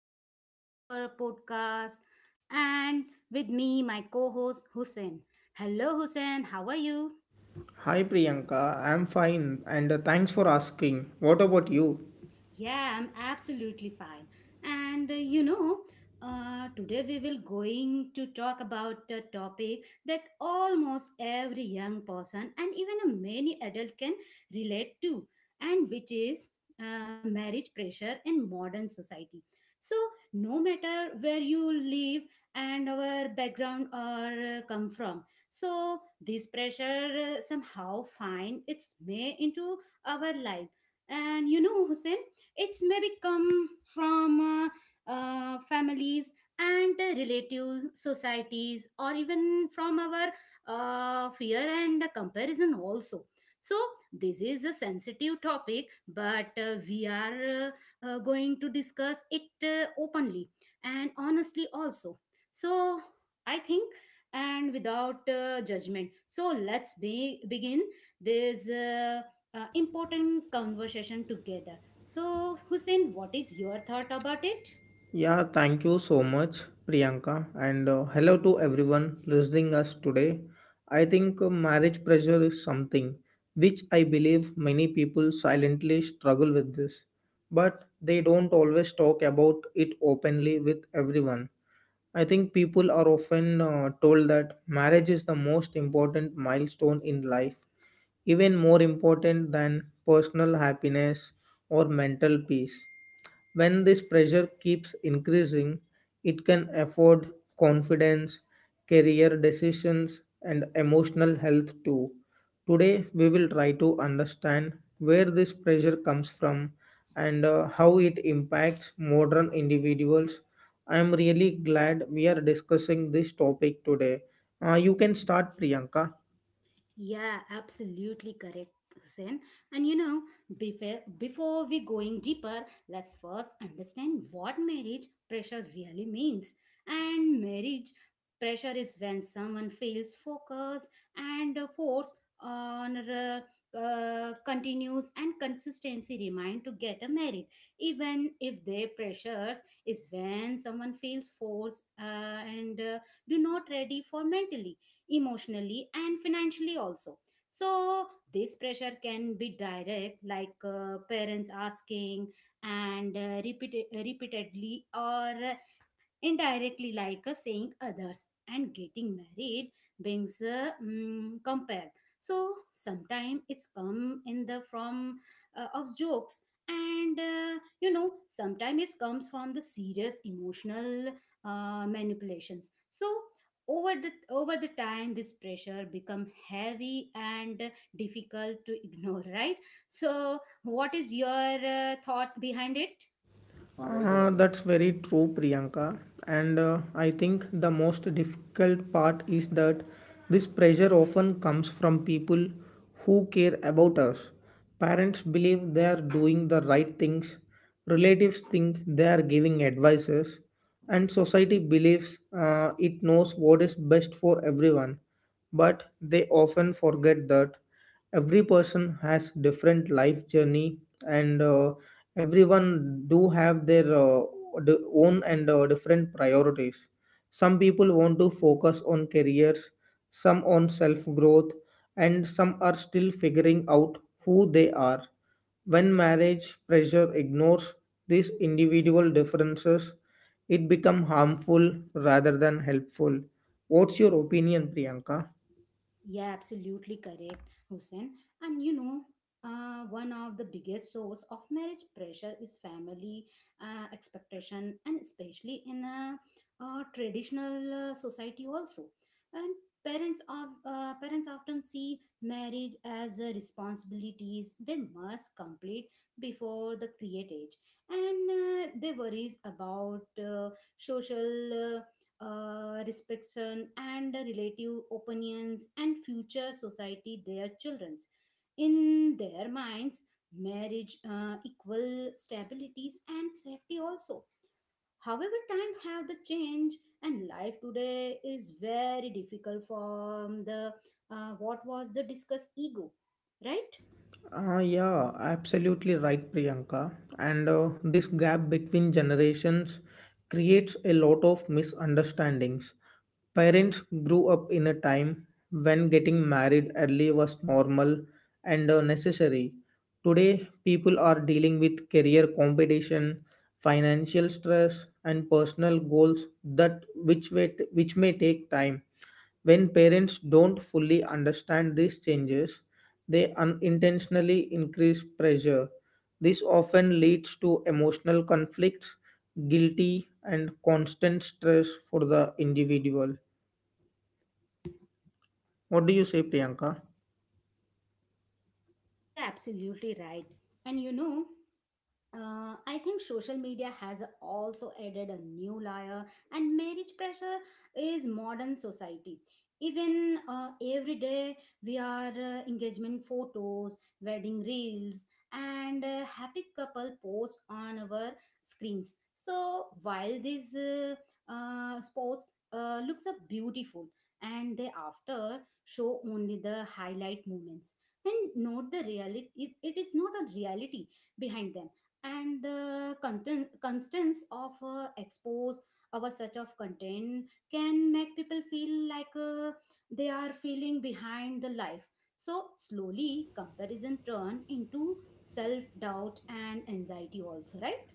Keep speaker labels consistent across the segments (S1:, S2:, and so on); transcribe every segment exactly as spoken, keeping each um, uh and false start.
S1: Welcome back to our podcast. And with me, my co host, Hussein. Hello, Hussein. How are you?
S2: Hi Priyanka, I'm fine and uh, thanks for asking. What about you?
S1: Yeah, I'm absolutely fine. And uh, you know, uh, today we will going to talk about a topic that almost every young person and even a many adult can relate to, and which is uh, marriage pressure in modern society. So, no matter where you live and our background or uh, come from, so this pressure uh, somehow find its way into our life. And you know, Hussein it's maybe come from uh, uh, families and uh, relative societies, or even from our uh, fear and comparison also. So this is a sensitive topic, but uh, we are uh, uh, going to discuss it uh, openly and honestly also. So I think and without uh, judgment. So let's be begin this uh, uh, important conversation together. So, Hussein, what is your thought about it?
S2: Yeah, thank you so much Priyanka and uh, hello to everyone listening us today. I think uh, marriage pressure is something which I believe many people silently struggle with this, but they don't always talk about it openly with everyone. I think people are often uh, told that marriage is the most important milestone in life even more important than personal happiness or mental peace. When this pressure keeps increasing, it can afford confidence, career decisions, and emotional health too. Today, we will try to understand where this pressure comes from and uh, how it impacts modern individuals. I am really glad we are discussing this topic today. Uh, you can start, Priyanka.
S1: Yeah, absolutely correct, Hussein. And you know, before before we going deeper, let's first understand what marriage pressure really means. And marriage pressure is when someone fails focus and uh, force on uh, uh, continues and consistency remind to get a married even if their pressures is when someone feels force uh, and uh, do not ready for mentally emotionally and financially also so this pressure can be direct like uh, parents asking and uh, repeat- repeatedly or indirectly like uh, saying others and getting married brings uh, mm, compare so sometimes it's come in the form uh, of jokes and uh, you know sometimes it comes from the serious emotional uh, manipulations so over the over the time this pressure become heavy and difficult to ignore, right? So what is your uh, thought behind it?
S2: Uh, that's very true, Priyanka. And uh, I think the most difficult part is that this pressure often comes from people who care about us. Parents believe they are doing the right things, relatives think they are giving advices, and society believes uh, it knows what is best for everyone. But they often forget that every person has different life journey and uh, everyone do have their uh, d- own and uh, different priorities. Some people want to focus on careers, some on self growth, and some are still figuring out who they are. When marriage pressure ignores these individual differences, it become harmful rather than helpful. What's your opinion, Priyanka?
S1: Yeah, absolutely correct, Hussein. And you know, uh, one of the biggest source of marriage pressure is family uh, expectation, and especially in a, uh traditional uh, society also. And parents of uh, parents often see marriage as a responsibilities they must complete before the create age, and uh, they worries about uh, social uh, uh, restriction and relative opinions and future society their children's in their minds marriage uh, equal stabilities and safety also however time have the change and life today is very difficult from the uh, what was the discussed ego, right?
S2: Ah, yeah, Absolutely right, Priyanka. And uh, this gap between generations creates a lot of misunderstandings. Parents grew up in a time when getting married early was normal and uh, necessary. Today, people are dealing with career competition, financial stress, and personal goals that which may, which may take time. When parents don't fully understand these changes, they unintentionally increase pressure. This often leads to emotional conflicts, guilty, and constant stress for the individual. What do you say, Priyanka?
S1: Yeah, absolutely right. And you know, Uh, I think social media has also added a new layer, and marriage pressure is modern society. Even uh, every day, we are uh, engagement photos, wedding reels, and uh, happy couple posts on our screens. So while these uh, uh, sports uh, looks up beautiful, and they after show only the highlight moments and not the reality. It, it is not a reality behind them and the content, constants of uh, expose our search of content can make people feel like uh, they are feeling behind the life so slowly comparison turn into self doubt and anxiety also, right?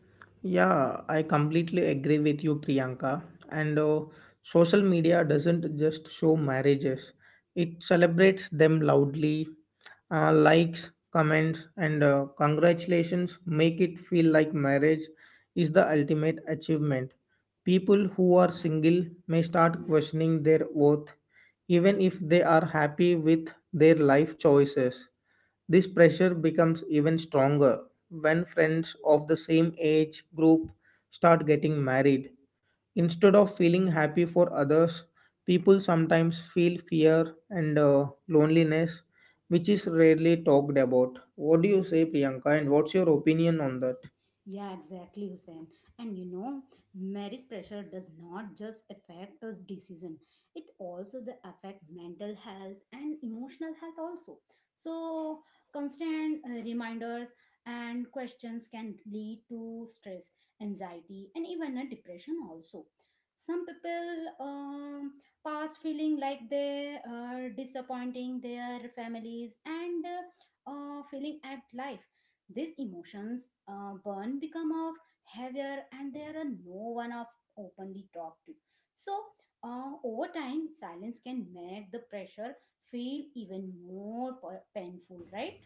S2: Yeah, I completely agree with you, Priyanka. And uh, social media doesn't just show marriages, it celebrates them loudly. Uh, likes, comments, and uh, congratulations make it feel like marriage is the ultimate achievement. People who are single may start questioning their worth, even if they are happy with their life choices. This pressure becomes even stronger when friends of the same age group start getting married. Instead of feeling happy for others, people sometimes feel fear and uh, loneliness, which is rarely talked about. What do you say, Priyanka, and what's your opinion on that?
S1: Yeah, exactly, Hussein. And you know, marriage pressure does not just affect us decision; it also the affect mental health and emotional health also. So, constant uh, reminders and questions can lead to stress, anxiety, and even a depression also. Some people um, pass feeling like they are disappointing their families and uh, uh, feeling at life. These emotions uh, burn become of heavier, and there are no one of openly talked to. So uh, over time, silence can make the pressure feel even more pa- painful, right?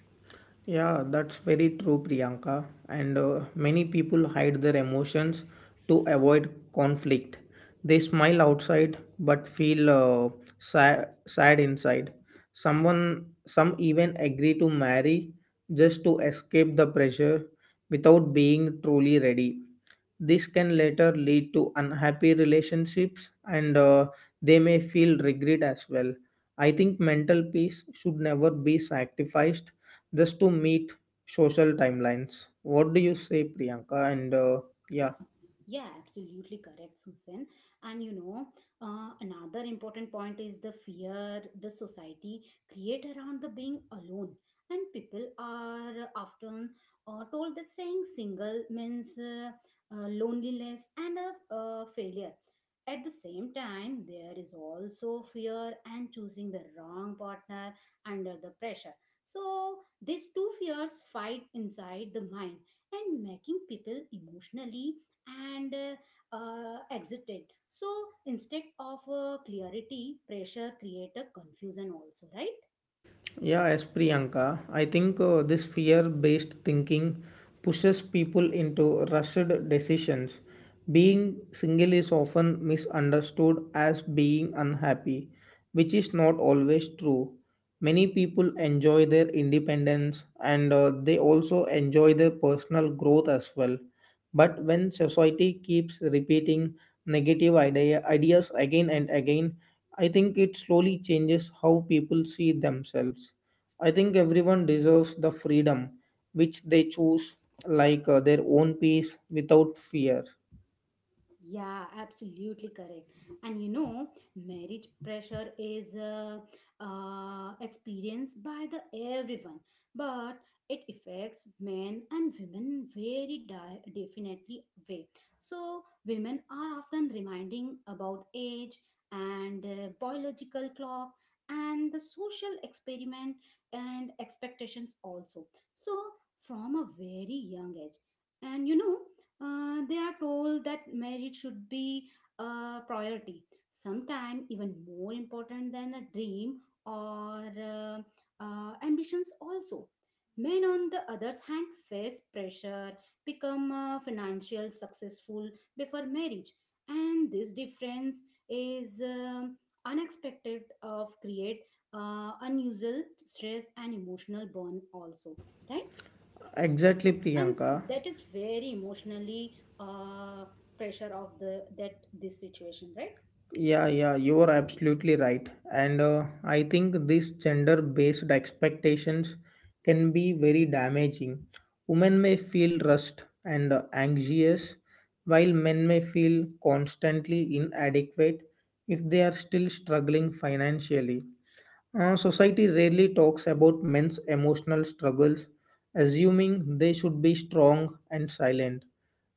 S2: Yeah, that's very true, Priyanka. And uh, many people hide their emotions to avoid conflict. They smile outside but feel uh, sad, sad inside. Someone, some even agree to marry just to escape the pressure without being truly ready. This can later lead to unhappy relationships and uh, they may feel regret as well. I think mental peace should never be sacrificed just to meet social timelines. What do you say, Priyanka? And uh, yeah,
S1: Yeah, absolutely correct, Susan. And you know, uh, another important point is the fear the society create around the being alone. And people are often uh, told that saying single means uh, uh, loneliness and a uh, failure. At the same time, there is also fear and choosing the wrong partner under the pressure. So these two fears fight inside the mind and making people emotionally and uh, uh, exited so instead of uh, clarity pressure create a confusion also, right?
S2: Yeah, as Priyanka, I think uh, this fear based thinking pushes people into rushed decisions. Being single is often misunderstood as being unhappy, which is not always true. Many people enjoy their independence and uh, they also enjoy their personal growth as well. But when society keeps repeating negative idea, ideas again and again, I think it slowly changes how people see themselves. I think everyone deserves the freedom which they choose, like uh, their own peace without fear.
S1: Yeah, absolutely correct. And you know, marriage pressure is uh, uh, experienced by the everyone, but it affects men and women very di- definitely way. So women are often reminding about age and uh, biological clock and the social experiment and expectations also. So from a very young age, and you know uh, they are told that marriage should be a priority, sometimes even more important than a dream or uh, uh, ambitions, also. Men, on the other hand, face pressure, become uh, financial successful before marriage, and this difference is um unexpected of create uh, unusual stress and emotional burn also, right?
S2: Exactly,
S1: And
S2: Priyanka.
S1: that is very emotionally uh, pressure of the that this situation, right?
S2: Yeah, yeah, you are absolutely right. And uh, I think these gender based expectations can be very damaging. Women may feel rushed and uh, anxious, while men may feel constantly inadequate if they are still struggling financially. Uh, society rarely talks about men's emotional struggles, assuming they should be strong and silent.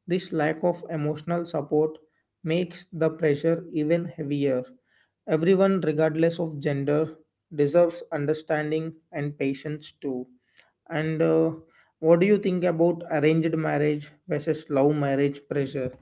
S2: This lack of emotional support makes the pressure even heavier. Everyone, regardless of gender, deserves understanding and patience too. And uh, what do you think about arranged marriage versus love marriage pressure?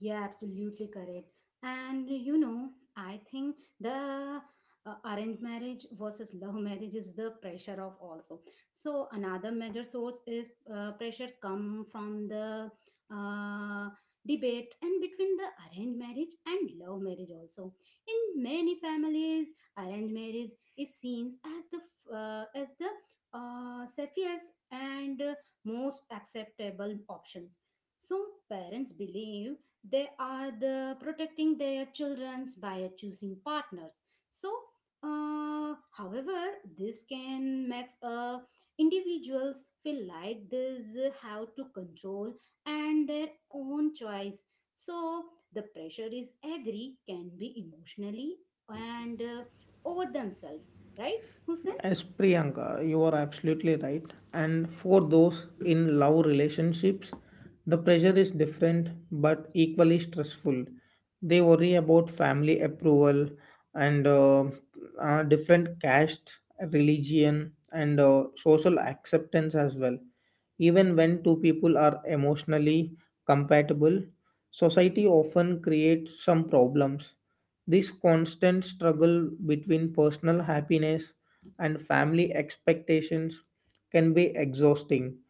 S1: Yeah, absolutely correct. And you know, I think the uh, arranged marriage versus love marriage is the pressure of also. So another major source is uh, pressure come from the uh, debate and between the arranged marriage and love marriage also. In many families, arranged marriage is seen as the f- uh, as the uh, safest and uh, most acceptable options. So parents believe they are the protecting their children's by choosing partners so uh, however this can make uh, individuals feel like this have to control and their own choice so the pressure is agree can be emotionally and uh, over themselves, right Hussein?
S2: As Priyanka, you are absolutely right. And for those in love relationships, the pressure is different but equally stressful. They worry about family approval and uh, uh, different caste, religion, and uh, social acceptance as well. Even when two people are emotionally compatible, society often creates some problems. This constant struggle between personal happiness and family expectations can be exhausting.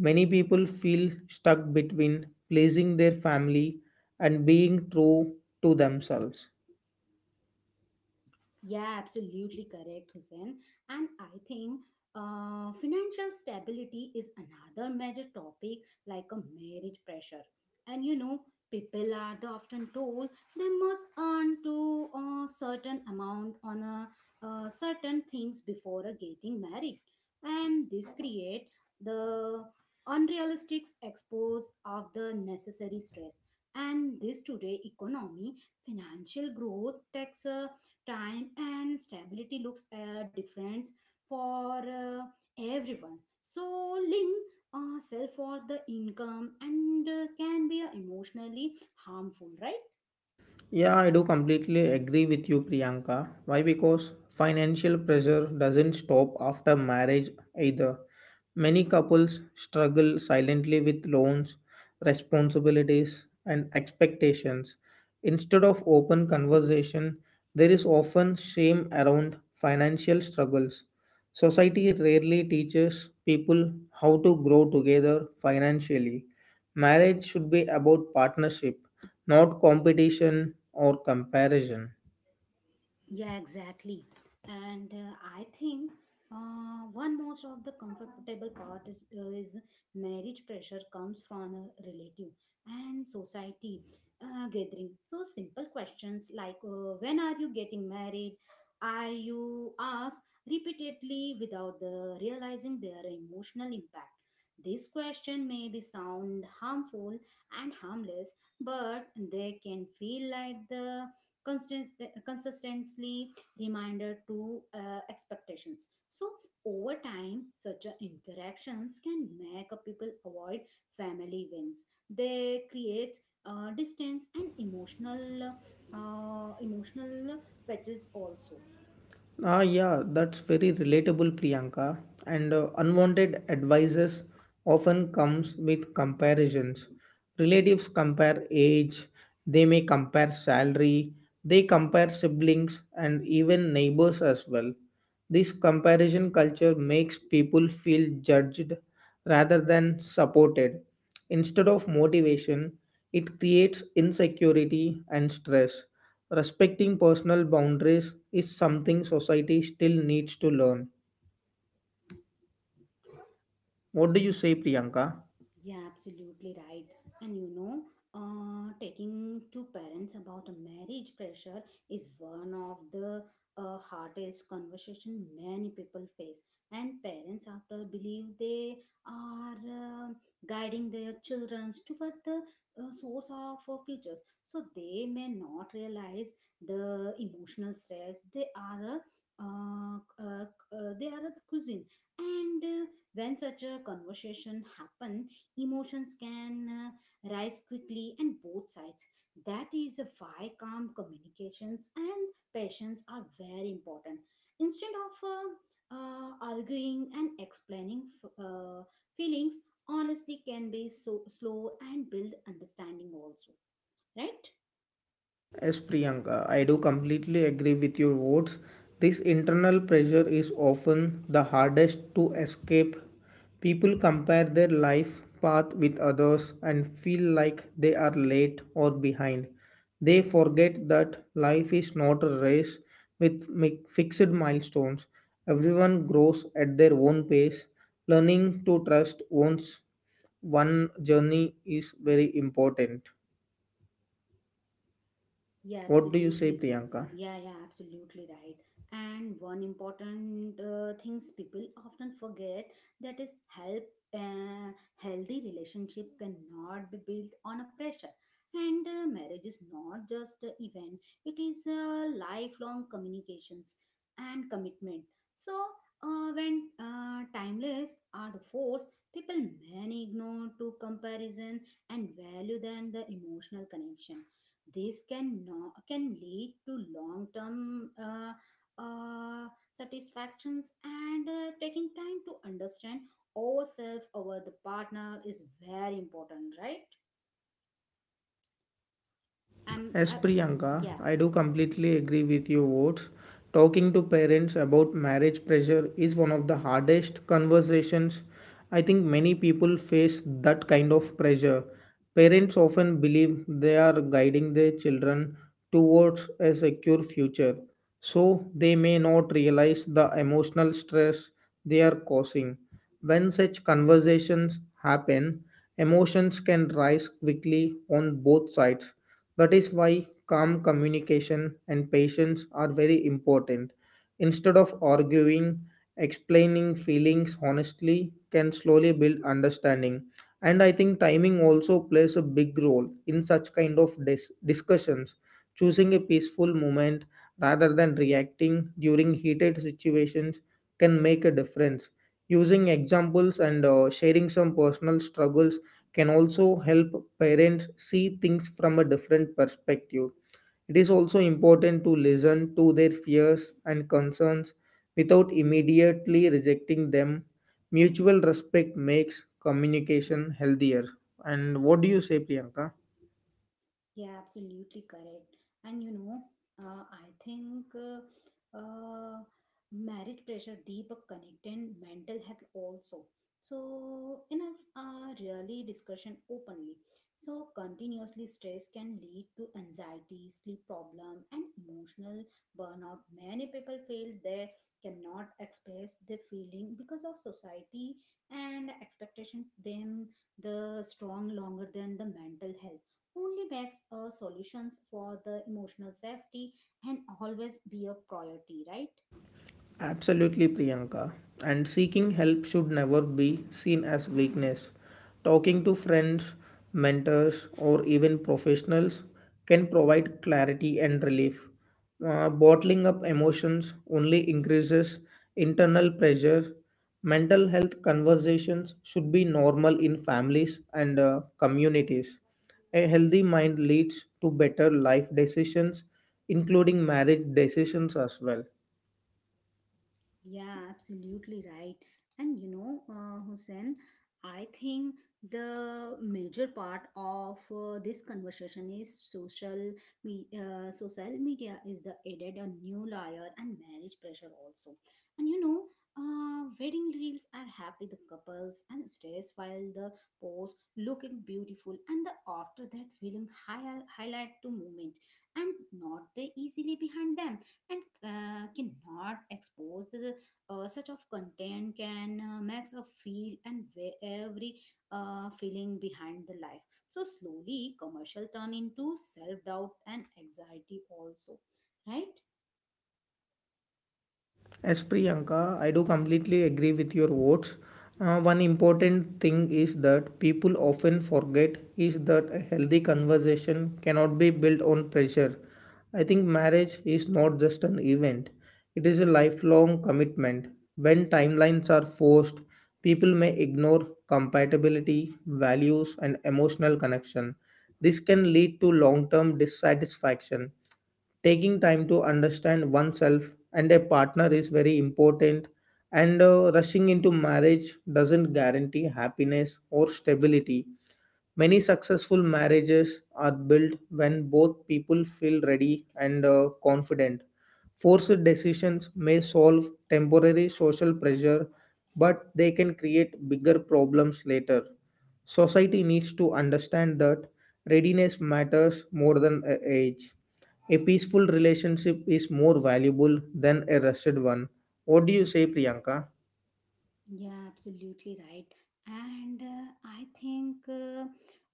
S2: Many people feel stuck between pleasing their family and being true to themselves.
S1: Yeah, absolutely correct, Hussein. And I think uh, financial stability is another major topic, like a marriage pressure. And you know, people are the often told they must earn to a certain amount on a uh, certain things before uh, getting married, and this create the unrealistic expose of the necessary stress. And this today economy, financial growth takes a time and stability looks uh, different for uh, everyone so link uh, self for the income and uh, can be uh, emotionally harmful, right?
S2: Yeah, I do completely agree with you, Priyanka. Why? Because financial pressure doesn't stop after marriage either. Many couples struggle silently with loans, responsibilities, and expectations. Instead of open conversation, there is often shame around financial struggles. Society rarely teaches people how to grow together financially. Marriage should be about partnership, not competition or comparison.
S1: Yeah, exactly. And uh, I think uh, one most of the comfortable part is, uh, is marriage pressure comes from a relative and society uh, gathering. So simple questions like uh, when are you getting married? Are you asked repeatedly without the realizing their emotional impact. This question may be sound harmful and harmless, but they can feel like the constant, consistently reminder to uh, expectations so over time such a interactions can make a people avoid family events they create uh, distance and emotional uh, emotional fetches also.
S2: Ah, yeah, that's very relatable, Priyanka. And uh, unwanted advices often comes with comparisons. Relatives compare age, they may compare salary, they compare siblings and even neighbors as well. This comparison culture makes people feel judged rather than supported. Instead of motivation, it creates insecurity and stress. Respecting personal boundaries is something society still needs to learn. What do you say, Priyanka?
S1: Yeah, absolutely right. And you know, uh, taking to parents about a marriage pressure is one of the uh, hardest conversation many people face. And parents after believe they are uh, guiding their children toward the uh, source of uh, futures. So they may not realize the emotional stress they are. A, uh, uh, uh, they are a cousin and uh, when such a conversation happens emotions can uh, rise quickly and both sides that is why calm communications and patience are very important instead of uh, uh, arguing and explaining f- uh, feelings honesty can be so slow and build understanding also, right?
S2: Yes, Priyanka, I do completely agree with your words. This internal pressure is often the hardest to escape. People compare their life path with others and feel like they are late or behind. They forget that life is not a race with mi- fixed milestones. Everyone grows at their own pace. Learning to trust one's one journey is very important.
S1: Yeah,
S2: What do you say,
S1: absolutely.
S2: Priyanka?
S1: Yeah, yeah, absolutely right. And one important uh, things people often forget that is help. Uh, healthy relationship cannot be built on a pressure. And uh, marriage is not just an event; it is a lifelong communications and commitment. So uh, when uh, timeless are the force, people many ignore to comparison and value than the emotional connection this can no, can lead to long term uh, uh, satisfactions and uh, taking time to understand ourselves over the partner is very important, right? I'm
S2: As
S1: uh,
S2: Priyanka,
S1: Yeah.
S2: I do completely agree with your words. Talking to parents about marriage pressure is one of the hardest conversations. I think many people face that kind of pressure. Parents often believe they are guiding their children towards a secure future, so they may not realize the emotional stress they are causing. When such conversations happen, emotions can rise quickly on both sides that is why calm communication and patience are very important. Instead of arguing, explaining feelings honestly can slowly build understanding. And I think timing also plays a big role in such kind of dis- discussions. Choosing a peaceful moment rather than reacting during heated situations can make a difference. Using examples and uh, sharing some personal struggles can also help parents see things from a different perspective. It is also important to listen to their fears and concerns without immediately rejecting them. Mutual respect makes communication healthier. And what do you say, Priyanka?
S1: Yeah, absolutely correct. And you know, uh, I think uh, uh, marriage pressure deep connected mental health also. So in a uh, really discussion openly. So continuously stress can lead to anxiety, sleep problem, and emotional burnout. Many people feel they cannot express their feeling because of society and expectation them the strong longer than the mental health only makes uh, solutions for the emotional safety and always be a priority, right?
S2: Absolutely, Priyanka. And seeking help should never be seen as weakness. Talking to friends, mentors, or even professionals can provide clarity and relief. Uh, bottling up emotions only increases internal pressure. Mental health conversations should be normal in families and uh, communities. A healthy mind leads to better life decisions, including marriage decisions as well.
S1: Yeah, absolutely right. And you know, uh, Hussein, I think the major part of uh, this conversation is social me- uh, social media is the added a new layer and marriage pressure also. And you know, uh, wedding reels are happy the couples and stress while the pose looking beautiful and the after that feeling high, highlight to moment and not the easily behind them and uh, cannot expose the uh, such of content can uh, makes a feel and ve- every uh, feeling behind the life so slowly commercial turn into self doubt and anxiety also, right?
S2: As Priyanka, I do completely agree with your words. Uh, one important thing is that people often forget is that a healthy conversation cannot be built on pressure. I think marriage is not just an event, it is a lifelong commitment. When timelines are forced, people may ignore compatibility, values, and emotional connection. This can lead to long term dissatisfaction. Taking time to understand oneself and a partner is very important, and uh, rushing into marriage doesn't guarantee happiness or stability. Many successful marriages are built when both people feel ready and uh, confident. Forced decisions may solve temporary social pressure, but they can create bigger problems later. Society needs to understand that readiness matters more than uh, age. A peaceful relationship is more valuable than a rushed one. What do you say, Priyanka?
S1: Yeah, absolutely right. And uh, I think uh,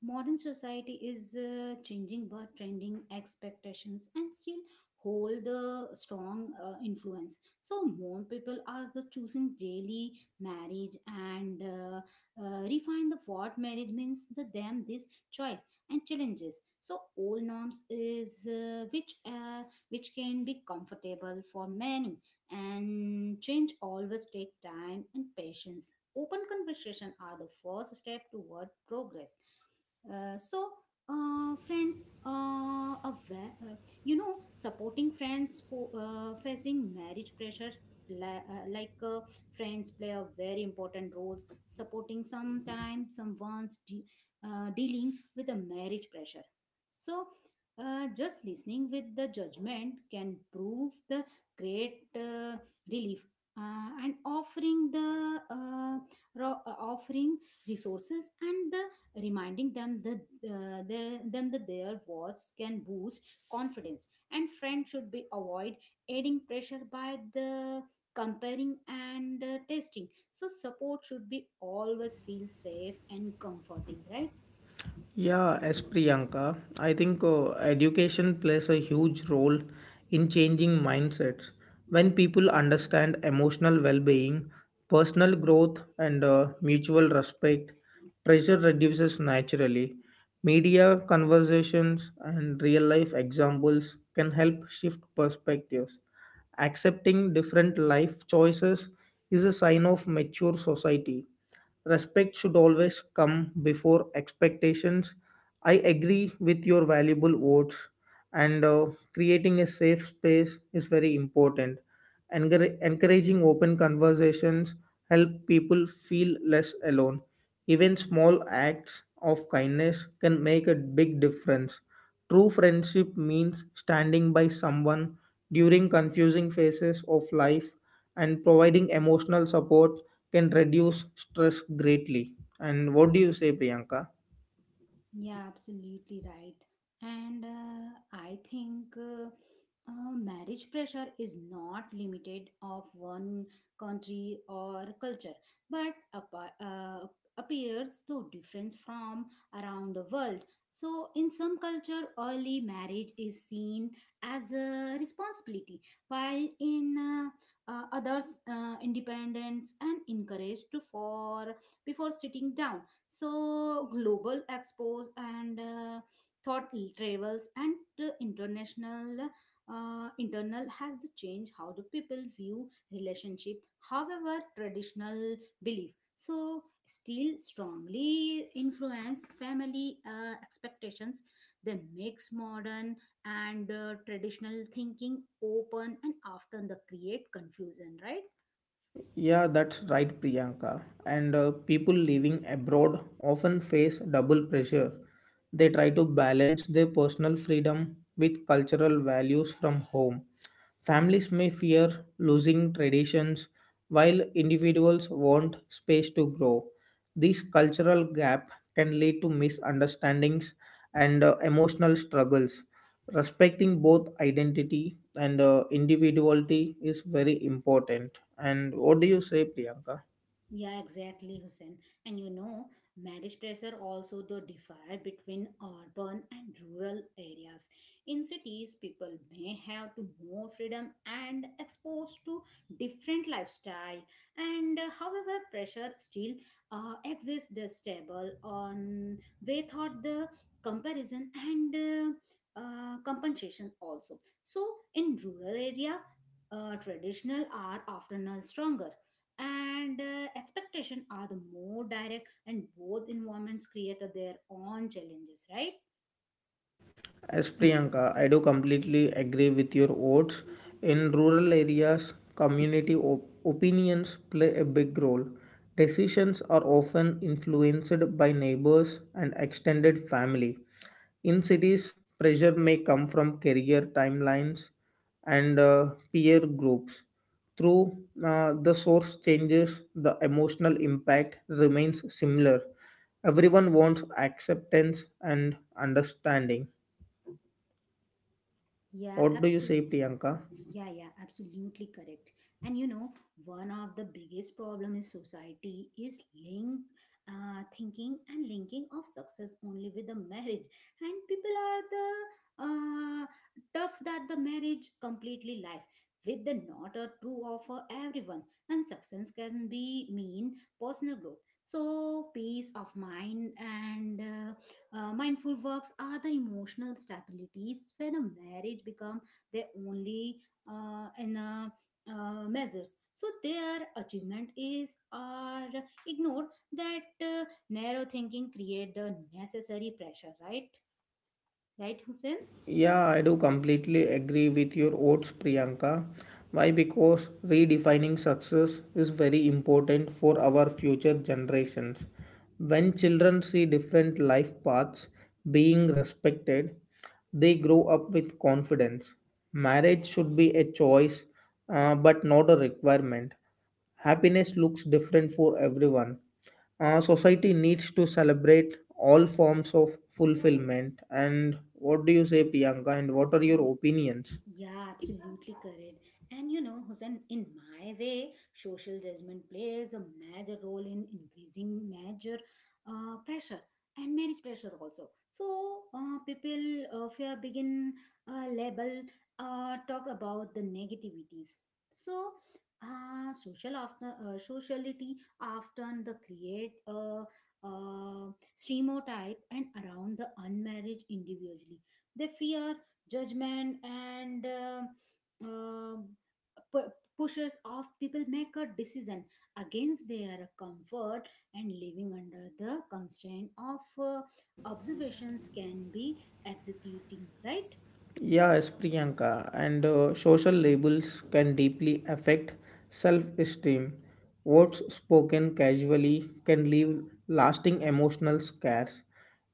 S1: modern society is uh, changing, but trending expectations and still hold the strong uh, influence. So more people are the choosing daily marriage and uh, uh, refine the what marriage means the them this choice and challenges. So old norms is uh, which uh, which can be comfortable for many, and change always takes time, and patience, open conversation are the first step toward progress. uh, so uh, Friends uh, aware, uh, you know supporting friends for uh, facing marriage pressure, li- uh, like uh, friends play a very important roles supporting sometimes someone's de- uh, dealing with a marriage pressure. so uh, just listening with the judgment can prove the great uh, relief, uh, and offering the uh, ro- uh, offering resources and the reminding them that, uh, their, them that their words can boost confidence, and friends should be avoid adding pressure by the comparing and uh, testing, so support should be always feel safe and comforting, right?
S2: Yeah, as Priyanka, I think uh, education plays a huge role in changing mindsets. When people understand emotional well being, personal growth, and uh, mutual respect, pressure reduces naturally. Media conversations and real life examples can help shift perspectives. Accepting different life choices is a sign of mature society. Respect should always come before expectations. I agree with your valuable votes, and uh, creating a safe space is very important. Encour- encouraging open conversations help people feel less alone. Even small acts of kindness can make a big difference. True friendship means standing by someone during confusing phases of life and providing emotional support can reduce stress greatly. And what do you say, Priyanka?
S1: Yeah, absolutely right. And uh, I think uh, uh, marriage pressure is not limited of one country or culture, but appa- uh, appears to difference from around the world. So in some culture, early marriage is seen as a responsibility, while in uh, uh, others, uh, independence and encouraged to for before sitting down. So global expos and uh, thought travels and uh, international uh, internal has the change how the people view relationship. However, traditional belief so still strongly influence family uh, expectations. They makes modern and uh, traditional thinking open and often the create confusion, right?
S2: Yeah, that's right, Priyanka. And uh, people living abroad often face double pressure. They try to balance their personal freedom with cultural values from home. Families may fear losing traditions, while individuals want space to grow. This cultural gap can lead to misunderstandings and uh, emotional struggles. Respecting both identity and uh, individuality is very important. And what do you say, Priyanka?
S1: Yeah, exactly, Hussein. And you know, marriage pressure also the differ between urban and rural areas. In cities, people may have to more freedom and exposed to different lifestyle. And uh, however, pressure still uh, exists the stable on without the comparison and uh, uh, compensation also. So in rural area, uh, traditional are often uh, stronger, and uh, expectation are the more direct, and both environments create their own challenges, right?
S2: As Priyanka, I do completely agree with your words. In rural areas, community op- opinions play a big role. Decisions are often influenced by neighbors and extended family. In cities, pressure may come from career timelines and uh, peer groups. Through uh, the source changes, the emotional impact remains similar. Everyone wants acceptance and understanding.
S1: Yeah,
S2: What do you say,
S1: absolutely.
S2: Priyanka?
S1: Yeah, yeah, absolutely correct. And you know, one of the biggest problem in society is link uh, thinking and linking of success only with the marriage. And people are the uh, tough that the marriage completely life with the not a true offer everyone. And success can be mean personal growth. So peace of mind and uh, uh, mindful works are the emotional stabilities when a marriage become their only uh, and uh, uh, measures, so their achievement is are ignored. That uh, narrow thinking create the necessary pressure, right? Right, Hussein.
S2: Yeah, I do completely agree with your words, Priyanka. Why? Because redefining success is very important for our future generations. When children see different life paths being respected, they grow up with confidence. Marriage should be a choice, uh, but not a requirement. Happiness looks different for everyone. Uh, society needs to celebrate all forms of fulfillment. And what do you say, Priyanka? And what are your opinions?
S1: Yeah, absolutely correct. And you know, Hussein, in my way, social judgment plays a major role in increasing major uh, pressure and marriage pressure also. So uh, people uh, fear begin uh, label, uh, talk about the negativities. So uh, social after uh, sociality often the create a uh stereotype and around the unmarried individually. They fear judgment and um um, pu- pushes off people make a decision against their comfort, and living under the constraint of uh, observations can be executing, right?
S2: Yeah, yes, Priyanka, and uh, social labels can deeply affect self esteem. Words spoken casually can leave lasting emotional scars.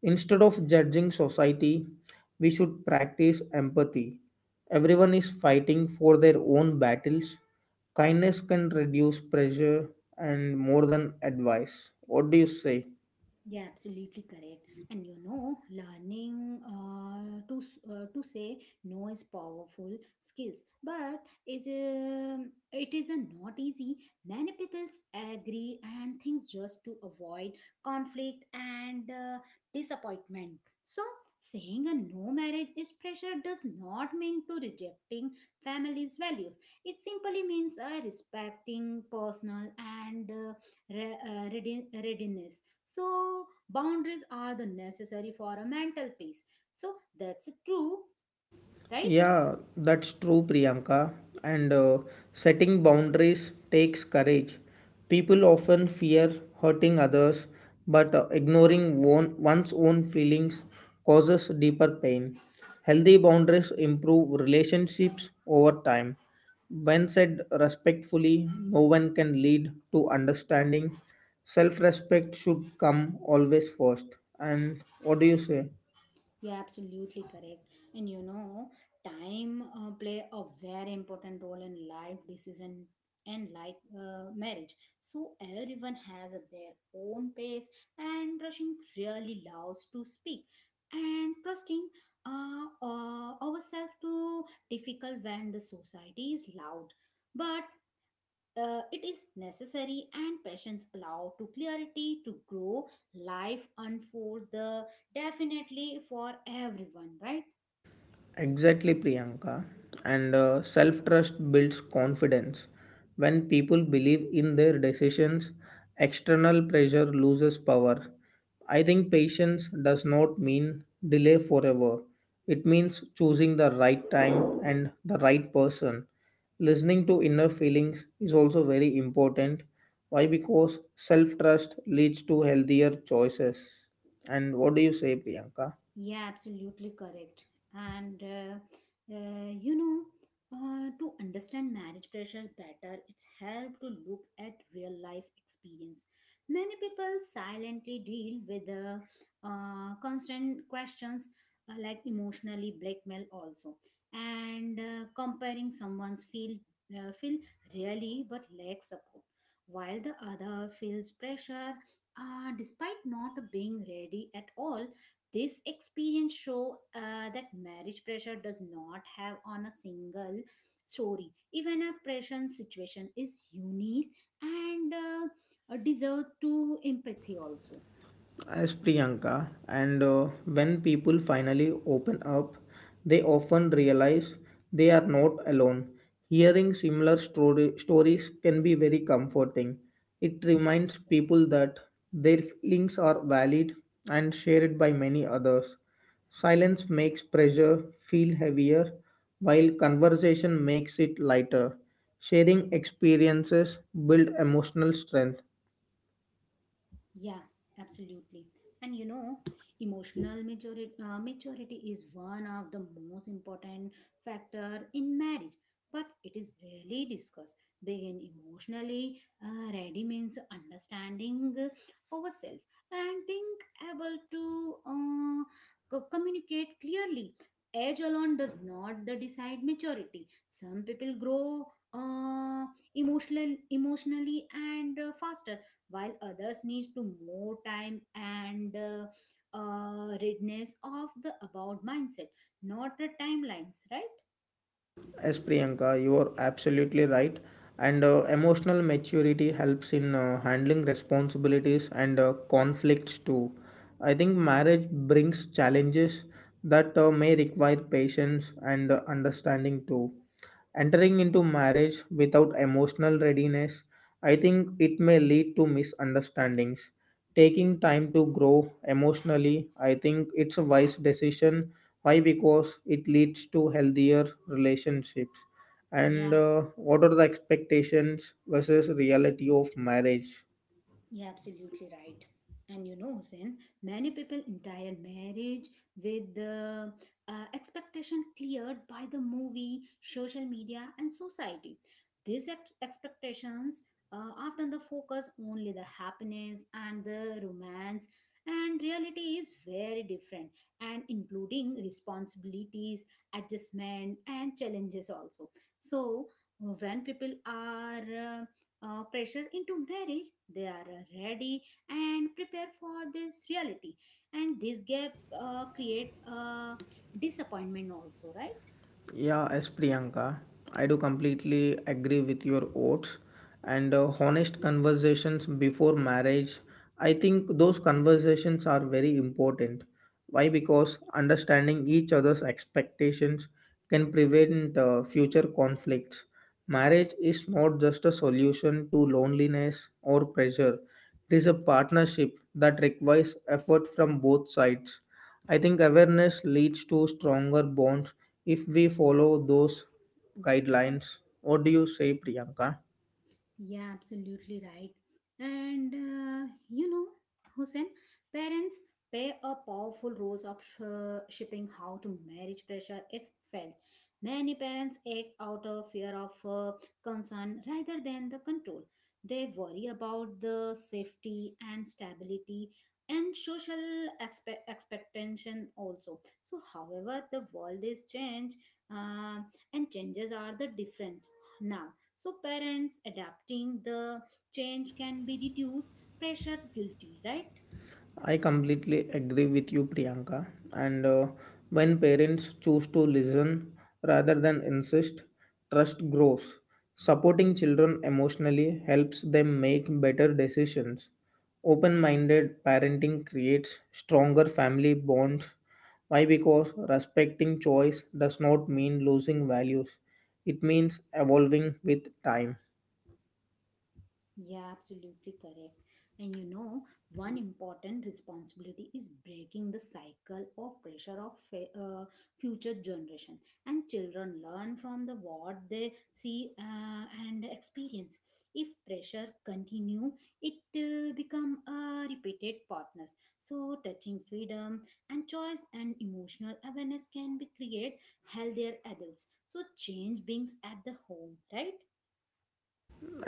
S2: Instead of judging society, we should practice empathy. Everyone is fighting for their own battles. Kindness can reduce pressure and more than advice. What do you say?
S1: Yeah, absolutely correct. And you know, learning uh, to s- uh, to say no is powerful skills, but is a it is a not easy. Many people agree and things just to avoid conflict and uh, disappointment. So saying a no marriage is pressure does not mean to rejecting family's values. It simply means uh, respecting personal and uh, re- uh, readi- readiness, so boundaries are the necessary for a mental peace. So that's true, right?
S2: Yeah, that's true, Priyanka. And uh, setting boundaries takes courage. People often fear hurting others, but uh, ignoring one, one's own feelings causes deeper pain. Healthy boundaries improve relationships over time. When said respectfully, no one can lead to understanding. Self respect should come always first. And what do you say?
S1: Yeah, absolutely correct. And you know, time uh, play a very important role in life decision and like uh, marriage. So everyone has their own pace, and rushing really loves to speak. And trusting uh, uh, ourselves to difficult when the society is loud. But Uh, it is necessary, and patience allow to clarity to grow, life unfold the definitely for everyone, right?
S2: Exactly, Priyanka. And uh, self trust builds confidence. When people believe in their decisions, external pressure loses power. I think patience does not mean delay forever, it means choosing the right time and the right person. Listening to inner feelings is also very important. Why? Because self trust leads to healthier choices. And what do you say, Priyanka?
S1: Yeah, absolutely correct. And uh, uh, you know, uh, to understand marriage pressure better, it's helped to look at real life experience. Many people silently deal with the uh, constant questions uh, like emotionally blackmail also, and uh, comparing someone's feel uh, feel really but lacks support, while the other feels pressure uh, despite not being ready at all. This experience show uh, that marriage pressure does not have on a single story. Even a pressure situation is unique and uh, deserve to empathy also.
S2: As Priyanka, and uh, when people finally open up, they often realize they are not alone. Hearing similar story- stories can be very comforting. It reminds people that their feelings are valid and shared by many others. Silence makes pressure feel heavier, while conversation makes it lighter. Sharing experiences build emotional strength.
S1: Yeah, absolutely. And you know, emotional maturity, uh, maturity is one of the most important factor in marriage, but it is rarely discussed. Begin emotionally uh, ready means understanding uh, ourselves and being able to uh, co- communicate clearly. Age alone does not the decide maturity. Some people grow uh, emotional, emotionally and uh, faster, while others needs to more time and uh, uh, readiness of the about mindset, not the timelines, right?
S2: Yes, Priyanka, you are absolutely right. And uh, emotional maturity helps in uh, handling responsibilities and uh, conflicts too. I think marriage brings challenges that uh, may require patience and uh, understanding too. Entering into marriage without emotional readiness, I think it may lead to misunderstandings. Taking time to grow emotionally, I think it's a wise decision, why? Because it leads to healthier relationships. And
S1: Yeah,
S2: uh, what are the expectations versus reality of marriage?
S1: you're absolutely right. And you know, Hussein, many people entire marriage with the uh, expectation cleared by the movie, social media, and society. These ex- expectations uh, often the focus only the happiness and the romance, and reality is very different, and including responsibilities, adjustment, and challenges also. So when people are uh, uh, pressure into marriage, they are uh, ready and prepared for this reality, and this gap uh, create uh, disappointment also, right?
S2: Yeah, as Priyanka, I do completely agree with your votes and uh, honest conversations before marriage. I think those conversations are very important. Why? Because understanding each other's expectations can prevent uh, future conflicts. Marriage is not just a solution to loneliness or pressure, it is a partnership that requires effort from both sides. I think awareness leads to stronger bonds if we follow those guidelines. What do you say, Priyanka?
S1: Yeah, absolutely right. And uh, you know, Hussein, parents play a powerful role of uh, shipping how to marriage pressure if felt. Many parents act out of fear of uh, concern rather than the control. They worry about the safety and stability and social expe- expectation also. So, however, the world is changed uh, and changes are the different now, so parents adapting the change can be reduce pressure guilty, right?
S2: I completely agree with you, Priyanka. And uh, when parents choose to listen rather than insist, trust grows. Supporting children emotionally helps them make better decisions. Open minded parenting creates stronger family bonds. Why? Because respecting choice does not mean losing values, it means evolving with time.
S1: Yeah, absolutely correct. And you know, one important responsibility is breaking the cycle of pressure of fe- uh, future generation. And children learn from the what they see uh, and experience. If pressure continue, it uh, become a repeated partners. So touching freedom and choice and emotional awareness can be create healthier adults. So change brings at the home, right?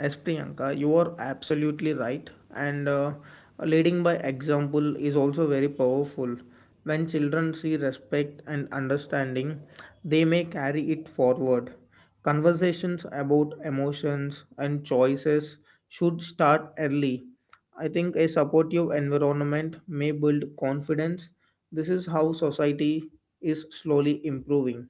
S2: As Priyanka, you are absolutely right, and uh, leading by example is also very powerful. When children see respect and understanding, they may carry it forward. Conversations about emotions and choices should start early. I think a supportive environment may build confidence. This is how society is slowly improving.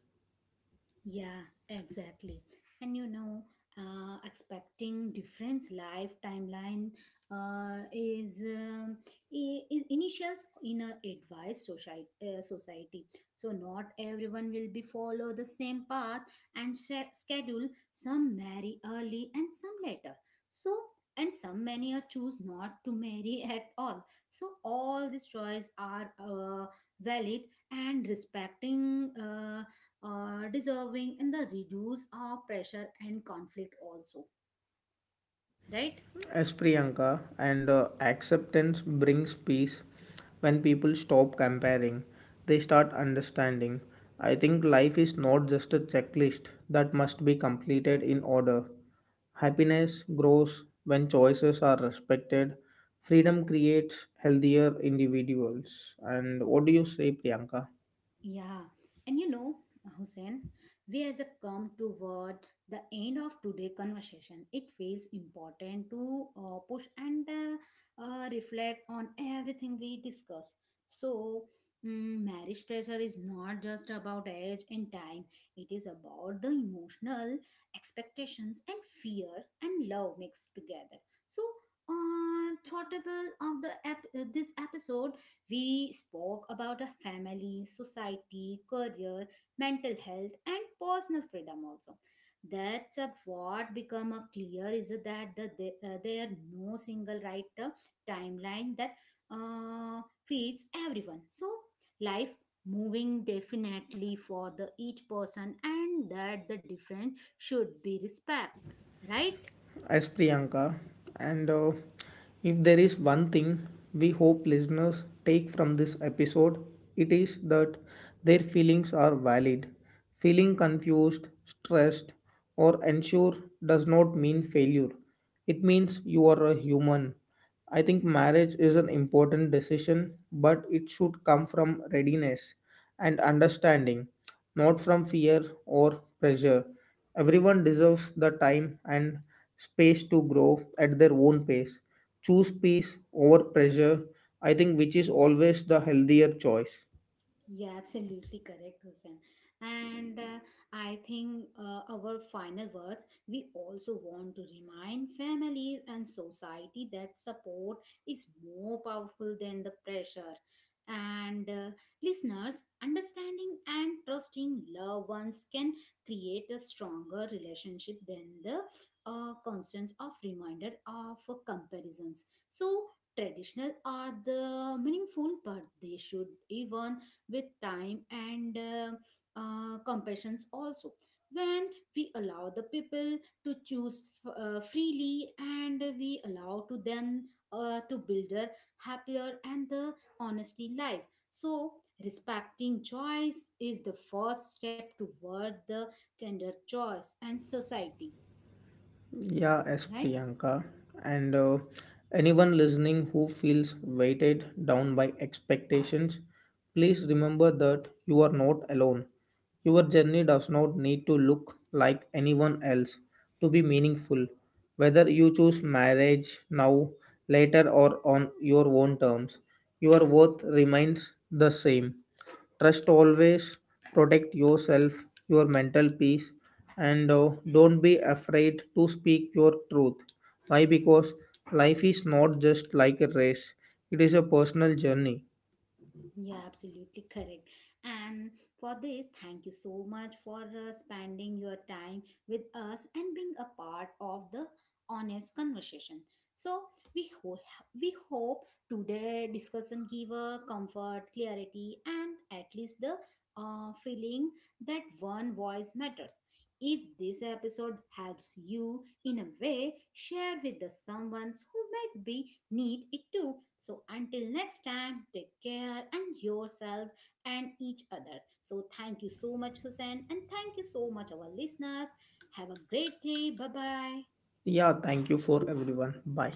S1: Yeah, exactly. And you know, uh, expecting different life timeline uh, is, um, i- is initials in a advice society, uh, society. So not everyone will be follow the same path and sche- schedule. Some marry early and some later. So and some many are choose not to marry at all. So all these choices are uh, valid and respecting. Uh, uh, deserving and the reduce our pressure and conflict also, right?
S2: As Priyanka, and uh, acceptance brings peace. When people stop comparing, they start understanding. I think life is not just a checklist that must be completed in order. Happiness grows when choices are respected. Freedom creates healthier individuals. And what do you say, Priyanka?
S1: Yeah, and you know, Hussein, we as a come toward the end of today conversation, it feels important to uh, push and uh, uh, reflect on everything we discuss. So, mm, marriage pressure is not just about age and time; it is about the emotional expectations and fear and love mixed together. So, uh, thoughtable of the ep- uh, this episode, we spoke about a family, society, career, mental health, and personal freedom also. That's a, what become a clear is that the, the, uh, there are no single right uh, timeline that uh, fits everyone. So life moving definitely for the each person, and that the difference should be respect, right?
S2: As Priyanka. And uh, if there is one thing we hope listeners take from this episode, it is that their feelings are valid. Feeling confused, stressed, or unsure does not mean failure. It means you are a human. I think marriage is an important decision, but it should come from readiness and understanding, not from fear or pressure. Everyone deserves the time and space to grow at their own pace. Choose peace over pressure, I think, which is always the healthier choice.
S1: Yeah, absolutely correct, Hussein. And uh, I think uh, our final words, we also want to remind families and society that support is more powerful than the pressure. And uh, listeners, understanding and trusting loved ones can create a stronger relationship than the uh, constant of reminder of uh, comparisons. So traditional are the meaningful, but they should even with time and uh, uh, compassions also. When we allow the people to choose f- uh, freely, and we allow to them uh, to build a happier and the honestly life, so respecting choice is the first step toward the kinder choice and society,
S2: Yeah, as
S1: right?
S2: Priyanka, and uh, anyone listening who feels weighted down by expectations, please remember that you are not alone. Your journey does not need to look like anyone else to be meaningful, whether you choose marriage now, later, or on your own terms. Your worth remains the same. Trust always, protect yourself, your mental peace, and uh, don't be afraid to speak your truth. Why? Because life is not just like a race, it is a personal journey.
S1: Yeah, absolutely correct. And for this, thank you so much for uh, spending your time with us and being a part of the honest conversation. So we ho- we hope today discussion give a comfort, clarity, and at least the uh, feeling that one voice matters. If this episode helps you in a way, share with the someone who might be need it too. So until next time, take care and yourself and each other. So thank you so much, Hussein, and thank you so much, our listeners. Have a great day. Bye bye.
S2: Yeah, thank you for everyone. Bye.